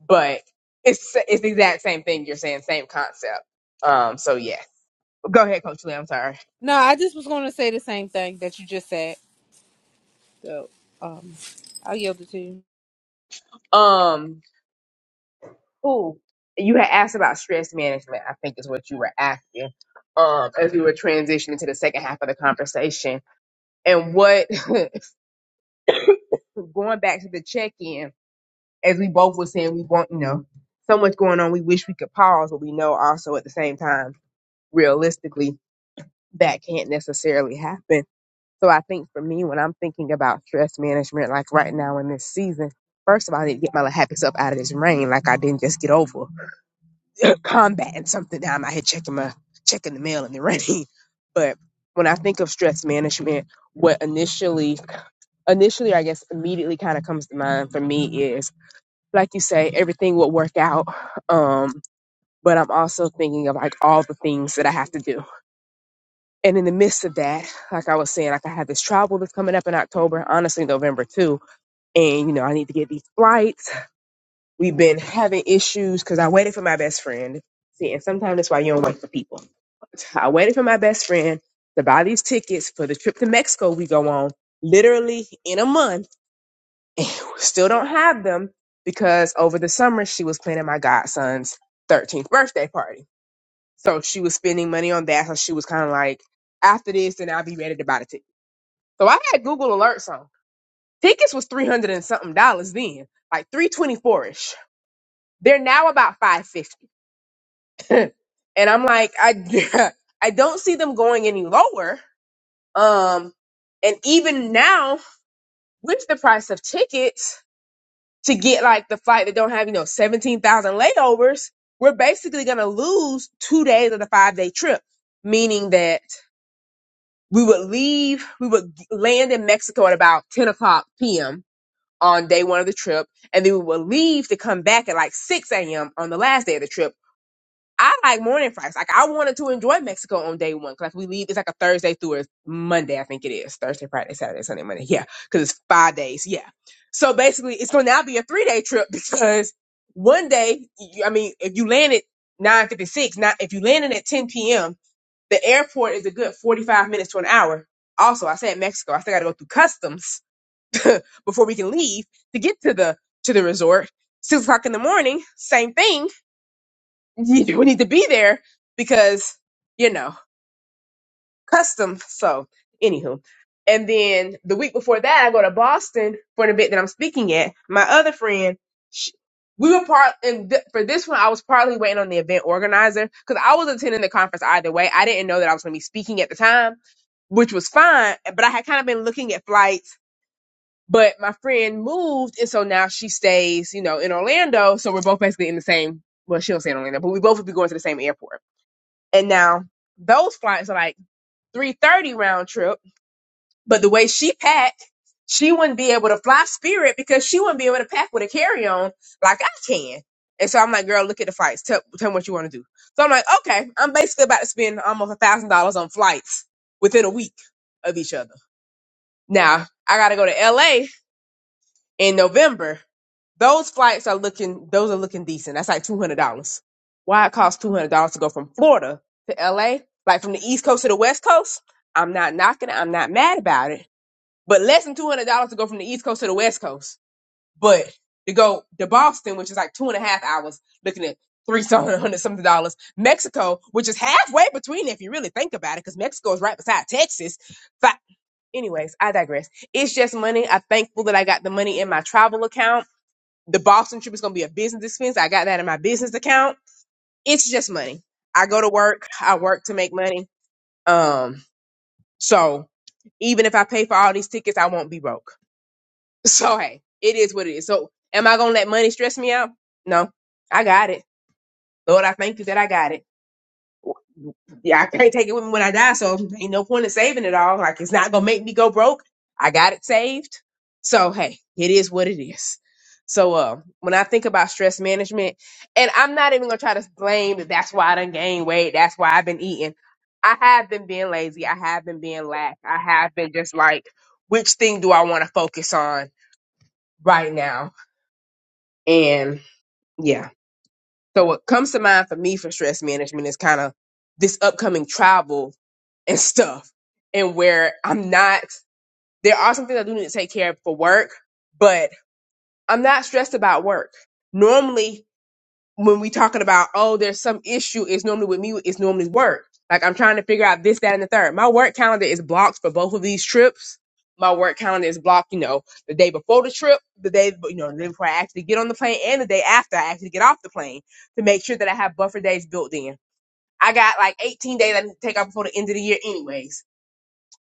Speaker 2: but it's it's the exact same thing you're saying, same concept. Um, so yeah. Go ahead, Coach Lee. I'm sorry.
Speaker 4: No, I just was going to say the same thing that you just said. So, um, I'll yield it to you.
Speaker 2: Um, who you had asked about stress management? I think is what you were asking. Um, as we were transitioning to the second half of the conversation, and what <laughs> going back to the check-in, as we both were saying, we want you know so much going on. We wish we could pause, but we know also at the same time, realistically, that can't necessarily happen. So I think for me, when I'm thinking about stress management, like right now in this season, first of all, I need to get my happy self out of this rain, like I didn't just get over. <clears throat> combating something. I'm out here checking my checking the mail in the rain. <laughs> But when I think of stress management, what initially initially I guess immediately kind of comes to mind for me is like you say, everything will work out. Um, but I'm also thinking of like all the things that I have to do. And in the midst of that, like I was saying, like I have this travel that's coming up in October, honestly November too. And you know, I need to get these flights We've been having issues because I waited for my best friend. See, and sometimes that's why you don't wait for people. I waited for my best friend to buy these tickets for the trip to Mexico we go on literally in a month <laughs> and we still don't have them because over the summer she was planning my godson's 13th birthday party. So she was spending money on that. So she was kind of like, after this, then I'll be ready to buy the ticket. So I had Google Alerts on. Tickets was 300 and something dollars then, like 324 ish. They're now about 550. <laughs> <clears throat> and I'm like, I <laughs> I don't see them going any lower. Um, and even now with the price of tickets to get like the flight that don't have you know seventeen thousand layovers, we're basically gonna lose two days of the five day trip. Meaning that we would leave, we would land in Mexico at about ten o'clock p.m. on day one of the trip, and then we would leave to come back at like six a.m. on the last day of the trip I like morning flights. Like I wanted to enjoy Mexico on day one. 'cause, like we leave, it's like a Thursday through a Monday. I think it is Thursday, Friday, Saturday, Sunday, Monday. Yeah, because it's five days. Yeah. So basically, it's gonna now be a three day trip <laughs> because one day, you- I mean, if you land at nine fifty six, not if you landed at ten p.m., the airport is a good forty five minutes to an hour. Also, I said Mexico. I still got to go through customs <laughs> before we can leave to get to the to the resort. Six o'clock in the morning, same thing <laughs> you need to be there because you know custom. So anywho, and then the week before that, I go to Boston for an event that I'm speaking at. My other friend, sh we were part and th- for this one, I was partly waiting on the event organizer because I was attending the conference either way. I didn't know that I was going to be speaking at the time, which was fine, but I had kind of been looking at flights. But my friend moved, and so now she stays, you know, in Orlando. So we're both basically in the same. Well, she don't stay in Orlando, but we both would be going to the same airport. And now those flights are like 330 round trip. But the way she packed, she wouldn't be able to fly Spirit because she wouldn't be able to pack with a carry on like I can. And so I'm like, girl, look at the flights. Tell, tell me what you want to do. So I'm like, okay, I'm basically about to spend almost a thousand dollars on flights within a week of each other. Now I got to go to LA in November, those flights are looking those are looking decent. That's like two hundred dollars. Why it costs two hundred dollars to go from Florida to LA, like from the East Coast to the West Coast? I'm not knocking it. I'm not mad about it. But less than two hundred dollars to go from the East Coast to the West Coast. But to go to Boston, which is like two and a half hours, looking at three hundred <laughs> something dollars. Mexico, which is halfway between, if you really think about it, because Mexico is right beside Texas. Anyways, I digress. It's just money. I'm thankful that I got the money in my travel account. The Boston trip is going to be a business expense. I got that in my business account. It's just money. I go to work. I work to make money. Um, so even if I pay for all these tickets, I won't be broke. <laughs> So hey, it is what it is. So am I going to let money stress me out? No, I got it. Lord, I thank you that I got it. yeah, I can't take it with me when I die, so ain't no point in saving it all. Like it's not gonna make me go broke. I got it saved. So hey, it is what it is. So uh, when I think about stress management, and I'm not even gonna try to blame that that's why I done gained weight, that's why I've been eating. I have been being lazy, I have been being lack, I have been just like, which thing do I wanna focus on right now? And yeah. So what comes to mind for me for stress management is kind of this upcoming travel and stuff and where I'm not there are some things I do need to take care of for work, but I'm not stressed about work. Normally when we talking about oh there's some issue, it's normally with me, it's normally work. Like I'm trying to figure out this, that, and the third. My work calendar is blocked for both of these trips. My work calendar is blocked, you know, the day before the trip, the day, you know, the day before I actually get on the plane and the day after I actually get off the plane to make sure that I have buffer days built in. I got like 18 days I need to take off before the end of the year anyways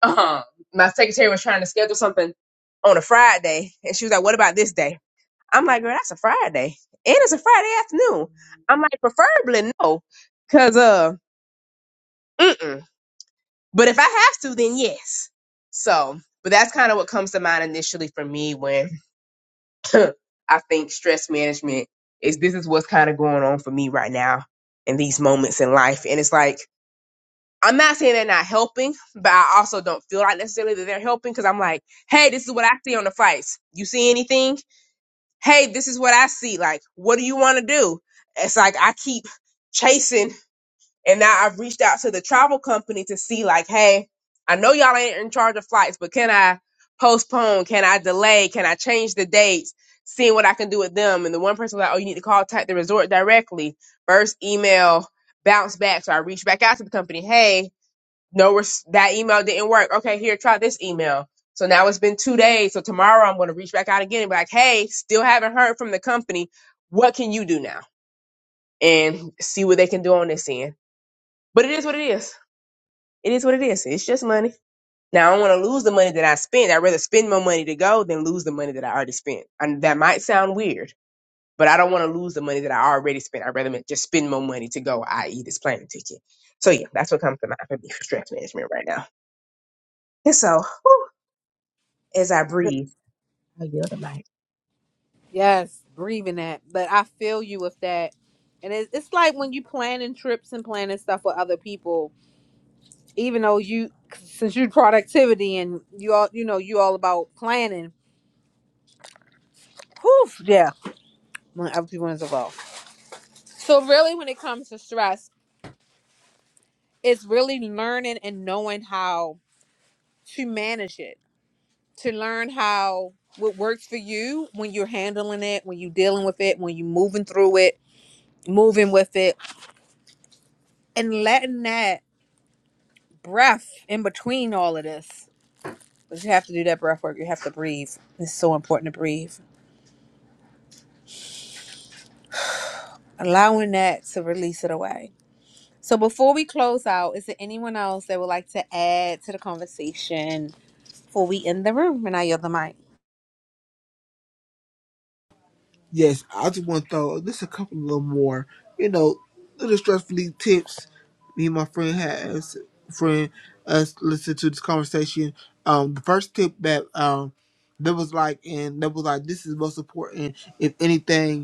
Speaker 2: um, my secretary was trying to schedule something on a Friday, and she was like, "What about this day?" I'm like, "Girl, that's a Friday, and it's a Friday afternoon." I'm like, "Preferably no, cause uh, mm-mm. but if I have to, then yes." So, but that's kind of what comes to mind initially for me when <clears throat> I think stress management is this is what's kind of going on for me right now in these moments in life, and it's like I'm not saying they're not helping, but I also don't feel like necessarily that they're helping because I'm like, hey, this is what I see on the flights. You see anything? Hey, this is what I see. Like, what do you want to do? It's like I keep chasing, and now I've reached out to the travel company to see, like, hey, I know y'all ain't in charge of flights, but can I postpone? Can I delay? Can I change the dates? Seeing what I can do with them. And the one person was like, oh, you need to call the resort directly. First email, bounce back. So I reached back out to the company, hey, no res- that email didn't work okay here try this email so now it's been two days so tomorrow i'm going to reach back out again and be like hey still haven't heard from the company what can you do now and see what they can do on this end but it is what it is it is what it is it's just money now i don't want to lose the money that i spent i'd rather spend my money to go than lose the money that i already spent and that might sound weird but i don't want to lose the money that i already spent i'd rather ma- just spend more money to go i.e this plane ticket so yeah that's what comes to mind for me for stress management right now and so as I breathe.
Speaker 4: Yes, grieving that. But I feel you with that. And it's, it's like when you planning trips and planning stuff with other people, even though you, since you productivity and you all, you know, you all about planning. Whew, yeah, when other people is involved. So really, when it comes to stress, it's really learning and knowing how to manage it, to learn how what works for you when you're handling it, when you're dealing with it, when you're moving through it, moving with it, and letting that. breath in between all of this. But you have to do that breath work. You have to breathe. It's so important to breathe. Allowing that to release it away. So before we close out, is there anyone else that would like to add to the conversation before we end the room? And I yield the mic.
Speaker 3: Yes, I just want to throw just a couple little more, you know, little stress relief tips. Me and my friend has friend us listen to this conversation. Um, the first tip that um that was like, and that was like, this is most important. If anything,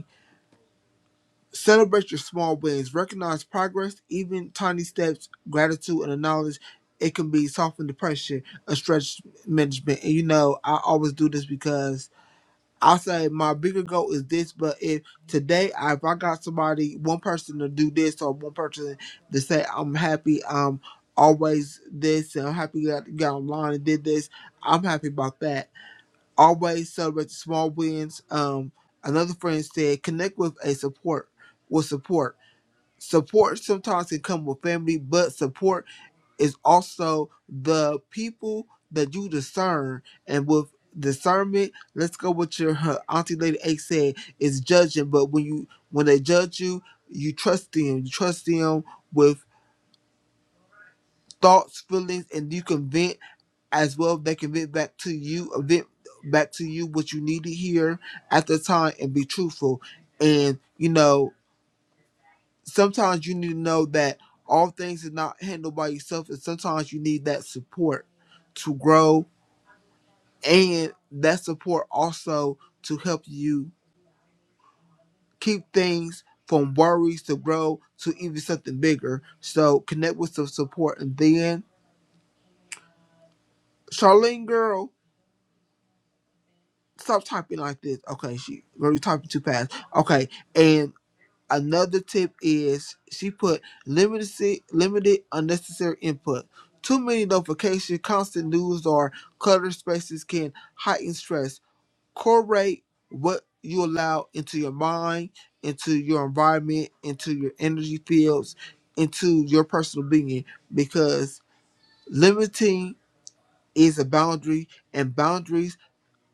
Speaker 3: Celebrate your small wins. Recognize progress, even tiny steps, gratitude, and the knowledge it can be soften depression and stress management. And you know, I always do this because I say my bigger goal is this, but if today I, if I got somebody, one person to do this or one person to say I'm happy, um, always this and I'm happy that I got online and did this, I'm happy about that always celebrate the small wins. Um, another friend said, connect with a support with support. Support sometimes can come with family, but support is also the people that you discern. And with discernment, let's go with your her auntie lady A said is judging. But when you when they judge you, you trust them. You trust them with thoughts, feelings, and you can convince as well they can vent back to you vent back to you what you need to hear at the time and be truthful and you know sometimes you need to know that all things is not handled by yourself and sometimes you need that support to grow and that support also to help you keep things from worries to grow to even something bigger so connect with some support and then charlene girl stop typing like this. Okay, she girl, you typing too fast. Okay, and another tip is she put limited si- limited unnecessary input. Too many notifications, constant news, or cluttered spaces can heighten stress. Correlate what you allow into your mind, into your environment, into your energy fields, into your personal being, because limiting is a boundary, and boundaries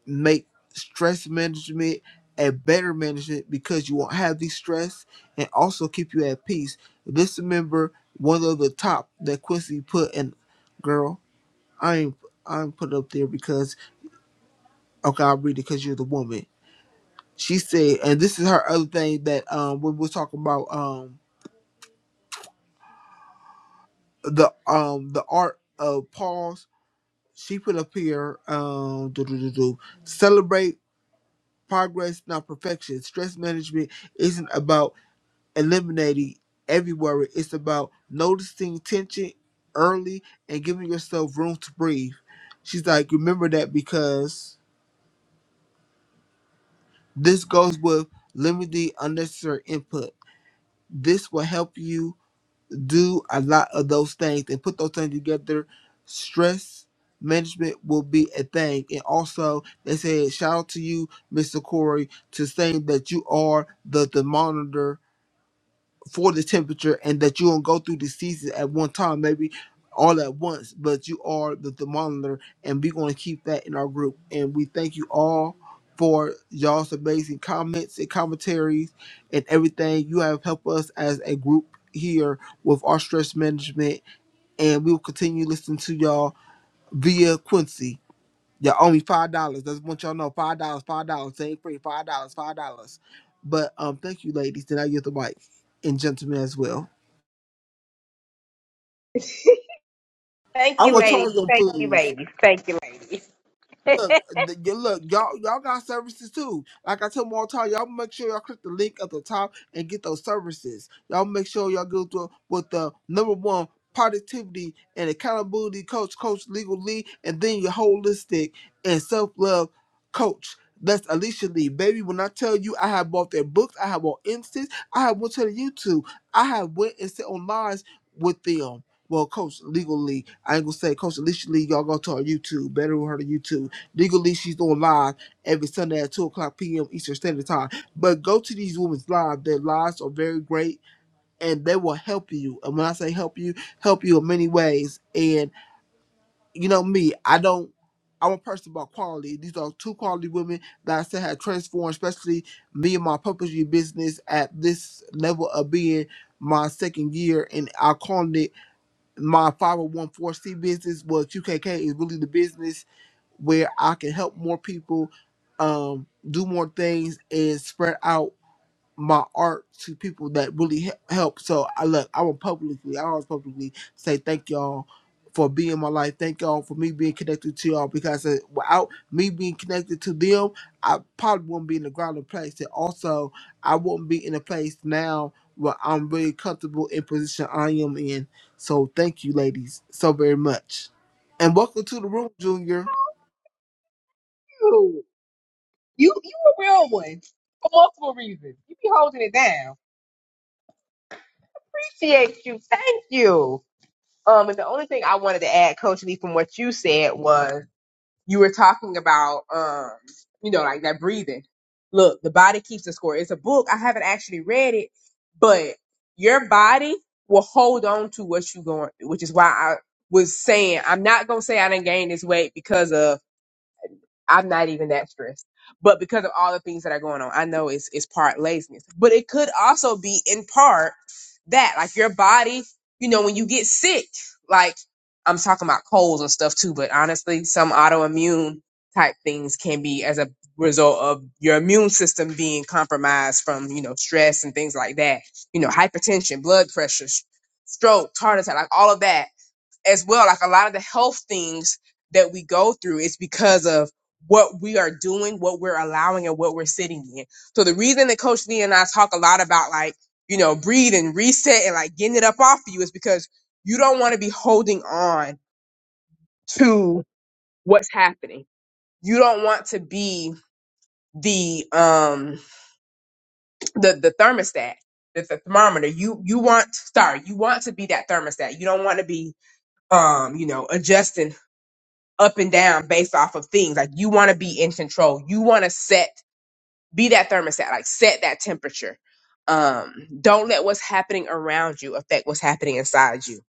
Speaker 3: make stress management a better management because you won't have the stress and also keep you at peace. Let's remember one of the top that Quincy put in girl, I ain't I am put up there because okay, I'll read it because you're the woman. She said, and this is her other thing that um when we were talking about um the um the art of pause, she put up here um do do do do celebrate progress, not perfection. Stress management isn't about eliminating every worry. It's about noticing tension early and giving yourself room to breathe. She's like, remember that because this goes with limiting unnecessary input. This will help you do a lot of those things and put those things together. Stress management will be a thing. And also, they said, shout out to you, Mr. Corey, to saying that you are the, the monitor for the temperature and that you don't go through the season at one time, maybe all at once, but you are the thermometer and we're going to keep that in our group. And we thank you all for y'all's amazing comments and commentaries and everything you have helped us as a group here with our stress management. And we will continue listening to y'all via Quincy. Y'all owe me five dollars. That's what y'all know. Five dollars, five dollars. They ain't free. Five dollars, five dollars. But um, thank you, ladies. Then I get the mic and gentlemen as well. I will charge them fools. Look, the, you look, y'all, y'all got services too. Like I tell them all the time, y'all make sure y'all click the link at the top and get those services. Y'all make sure y'all go through with the number one productivity and accountability coach, coach legal Lee, and then your holistic and self love coach. That's Alicia Lee, baby. When I tell you, I have bought their books, I have bought instance, I have went to the YouTube, I have went and sit on lives with them well, Coach Legal Lee, I ain't gonna say Coach Alicia Lee, y'all go to our YouTube, better with her to YouTube. Legally, she's on live every Sunday at 2 o'clock p.m. Eastern Standard Time. But go to these women's live; Their lives are very great and they will help you. And when I say help you, help you in many ways. And you know me, I don't, I'm a person about quality. These are two quality women that I said have transformed, especially me and my puppetry business at this level of being my second year. And I call it my 501c business well qkk is really the business where i can help more people um do more things and spread out my art to people that really he- help. So I look, I will publicly, I always publicly say thank y'all for being in my life. Thank y'all for me being connected to y'all because uh, without me being connected to them, I probably wouldn't be in the grounded place. And also, I wouldn't be in a place now where I'm really comfortable in position I am in. So thank you, ladies, so very much, and welcome to the room, Junior.
Speaker 2: You you a real one for multiple reasons. You be holding it down. Appreciate you. Thank you. Um, and the only thing I wanted to add, Coach Lee, from what you said was you were talking about um, you know, like that breathing. Look, the body keeps the score. It's a book. I haven't actually read it, but your body will hold on to what you going, which is why I was saying I'm not gonna say I didn't gain this weight because of I'm not even that stressed. But because of all the things that are going on, I know it's it's part laziness. But it could also be in part that like your body, you know, when you get sick, like I'm talking about colds and stuff too, but honestly, some autoimmune type things can be as a result of your immune system being compromised from, you know, stress and things like that. You know, hypertension, blood pressure, s- stroke, heart attack, like all of that as well like a lot of the health things that we go through is because of what we are doing what we're allowing and what we're sitting in so the reason that coach lee and i talk a lot about like you know breathe and reset and like getting it up off of you is because you don't want to be holding on to what's happening you don't want to be the um the the thermostat the, the thermometer you you want sorry you want to be that thermostat you don't want to be um you know adjusting up and down based off of things. Like you want to be in control. You want to set, be that thermostat, like set that temperature. Um, don't let what's happening around you affect what's happening inside you.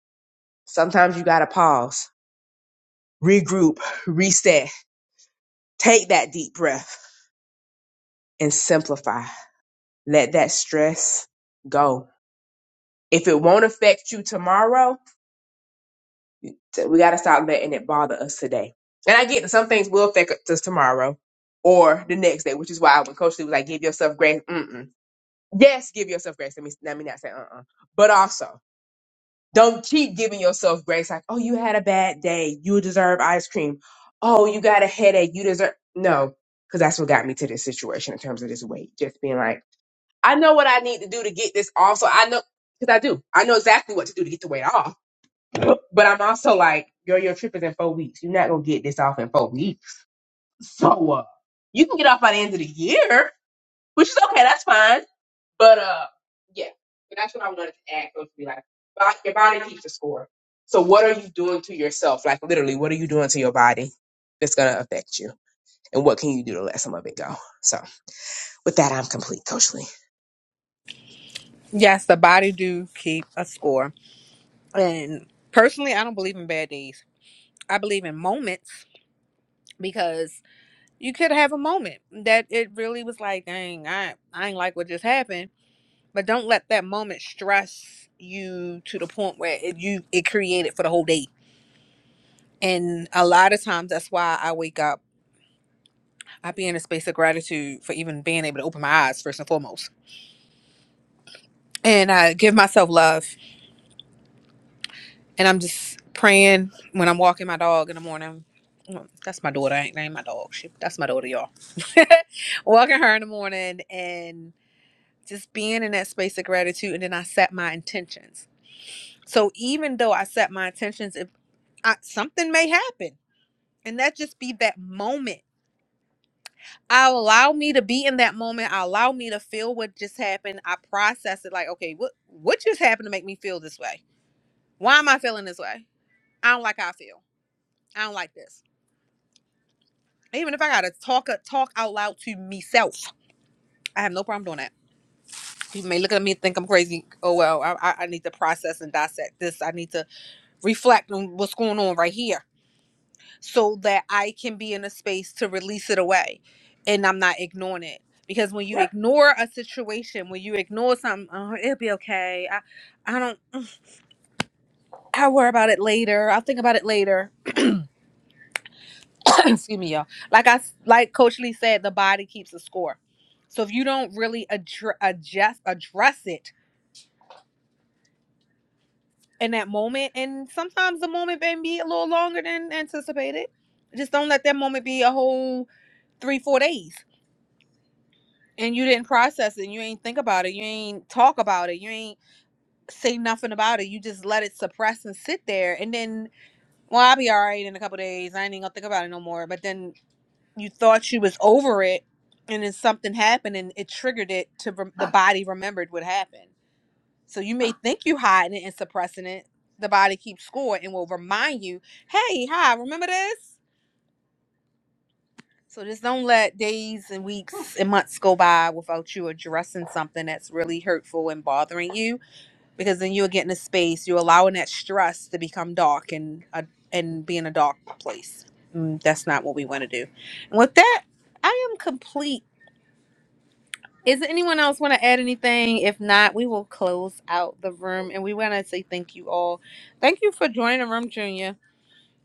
Speaker 2: Sometimes you got to pause, regroup, reset, take that deep breath and simplify. Let that stress go. If it won't affect you tomorrow, t- we got to stop letting it bother us today. And I get that some things will affect us tomorrow or the next day, which is why when Coach Lee was like, give yourself grace. Mm-mm yes, give yourself grace. Let me let me not say uh-uh. But also, don't keep giving yourself grace like, oh, you had a bad day. You deserve ice cream. Oh, you got a headache. You deserve no, because that's what got me to this situation in terms of this weight. Just being like, I know what I need to do to get this off. So I know because I do. I know exactly what to do to get the weight off. <laughs> But I'm also like, girl, your trip is in four weeks. You're not gonna get this off in four weeks. So uh, you can get off by the end of the year, which is okay. That's fine but uh, yeah, but that's what I wanted to add. Coach, be like, bo- your body keeps the score. So what are you doing to yourself? Like literally, what are you doing to your body that's gonna affect you? And what can you do to let some of it go? So with that, I'm complete, Coach Lee.
Speaker 4: Yes, the body do keep a score. And personally, I don't believe in bad days. I believe in moments because you could have a moment that it really was like, dang, I I ain't like what just happened But don't let that moment stress you to the point where it, you it created for the whole day. And a lot of times that's why I wake up. I be in a space of gratitude for even being able to open my eyes first and foremost. And I give myself love. And I'm just praying when I'm walking my dog in the morning. Well, That's my daughter. I ain't name my dog. She, that's my daughter, y'all. <laughs> walking her in the morning and just being in that space of gratitude. And then I set my intentions. So even though I set my intentions, if I, something may happen and that just be that moment i allow me to be in that moment i allow me to feel what just happened i process it like okay what what just happened to make me feel this way why am i feeling this way i don't like how i feel i don't like this even if i gotta talk uh, talk out loud to myself i have no problem doing that people may look at me and think i'm crazy oh well i, I I need to process and dissect this i need to reflect on what's going on right here so that I can be in a space to release it away and I'm not ignoring it. Because when you Right. ignore a situation, when you ignore something, oh, it'll be okay. I, I don't, I'll worry about it later. I'll think about it later. <coughs> <clears throat> Excuse me, y'all. Like I, s- like Coach Lee said, the body keeps a score. So if you don't really addre- adjust, address it in that moment, and sometimes the moment may be a little longer than anticipated, just don't let that moment be a whole three, four days and you didn't process it you ain't think about it you ain't talk about it you ain't say nothing about it you just let it suppress and sit there and then well i'll be all right in a couple days i ain't even gonna think about it no more but then you thought you was over it and then something happened and it triggered it to rem- the body remembered what happened so you may think you hiding it and suppressing it the body keeps score and will remind you hey hi remember this So just don't let days and weeks and months go by without you addressing something that's really hurtful and bothering you because then you'll get in a space, you're allowing that stress to become dark and uh, and be in a dark place. Mm, that's not what we want to do. And with that, I am complete. Is there anyone else want to add anything? If not, we will close out the room and we want to say thank you all. Thank you for joining the room, Junior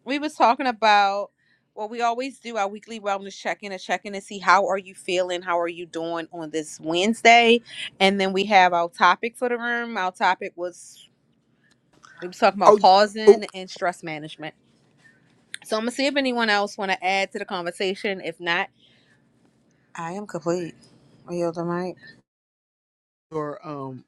Speaker 4: we was talking about well we always do our weekly wellness check-in a check-in to see how are you feeling how are you doing on this wednesday and then we have our topic for the room our topic was we was talking about
Speaker 3: Oh, oh,
Speaker 4: pausing and stress management so i'm gonna see if anyone else want to add to the conversation if not i am complete I yield the mic.
Speaker 3: your um.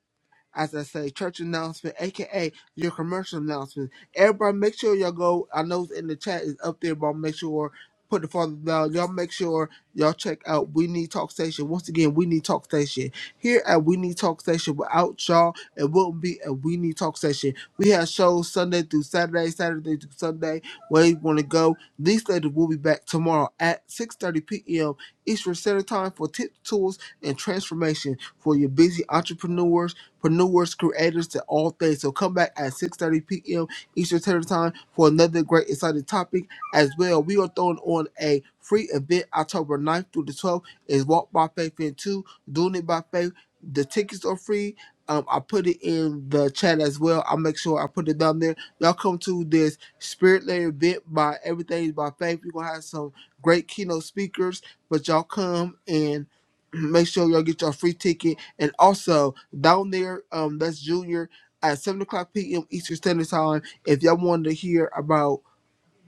Speaker 3: as I say, church announcement, aka your commercial announcement. Everybody, make sure y'all go. I know it's in the chat is up there, but make sure put the father down. Y'all make sure y'all check out We Need Talk Station. Once again, We Need Talk Station here at We Need Talk Station. Without y'all, it wouldn't be a We Need Talk Station. We have shows Sunday through Saturday, Saturday through Sunday. Where you want to go? These ladies will be back tomorrow at 6:30 p.m. Eastern Standard Time for tips, tools, and transformation for your busy entrepreneurs entrepreneurs, creators to all things. So come back at 6.30 p.m. Eastern Standard Time for another great exciting topic as well. We are throwing on a free event October 9th through the 12th is Walk by Faith in 2, Doing It By Faith. The tickets are free. Um, I put it in the chat as well. I'll make sure I put it down there. Y'all come to this spirit led event by Everything is by Faith. We're going to have some great keynote speakers, but y'all come and <clears throat> make sure y'all get your free ticket and also down there, um, that's Junior at seven o'clock p.m. Eastern Standard Time. If y'all wanted to hear about,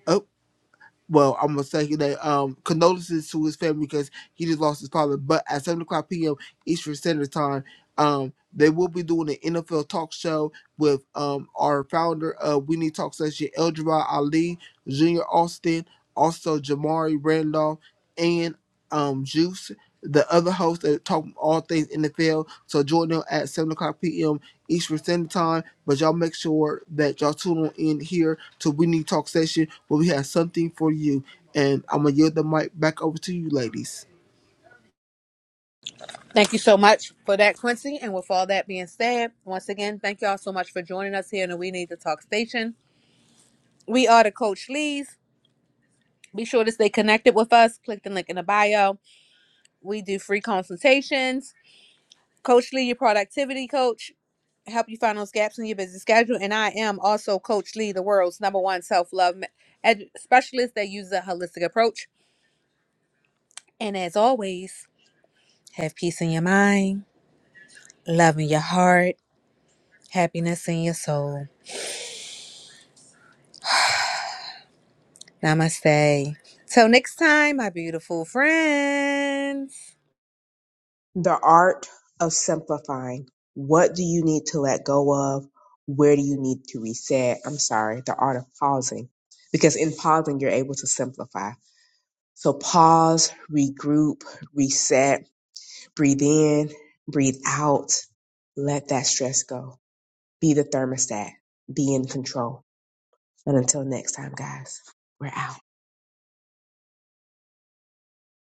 Speaker 3: oh, well, I'm gonna say that um, condolences to his family because he just lost his father. But at seven o'clock p.m. Eastern Standard Time, um, they will be doing an NFL talk show with um our founder of We Need Talk Session, Eljabai Ali, Junior Austin also Jamari Randolph and um, Juice, the other host that talk all things NFL. So join them at 7 o'clock p.m. Eastern Standard Time. But y'all make sure that y'all tune on in here to We Need Talk Session where we have something for you. And I'm going to yield the mic back over to you, ladies.
Speaker 4: thank you so much for that quincy and with all that being said once again thank you all so much for joining us here in the we need to talk station we are the coach lees Be sure to stay connected with us. Click the link in the bio. We do free consultations. Coach Lee, your productivity coach, help you find those gaps in your busy schedule. And I am also Coach Lee, the world's number one self love ed- specialist that uses a holistic approach. And as always, have peace in your mind, love in your heart, happiness in your soul. Namaste. Till next time, my beautiful friends.
Speaker 2: The art of simplifying. What do you need to let go of? Where do you need to reset? I'm sorry, the art of pausing. Because in pausing, you're able to simplify. So pause, regroup, reset, breathe in, breathe out, let that stress go. Be the thermostat, be in control. And until next time, guys, we're out.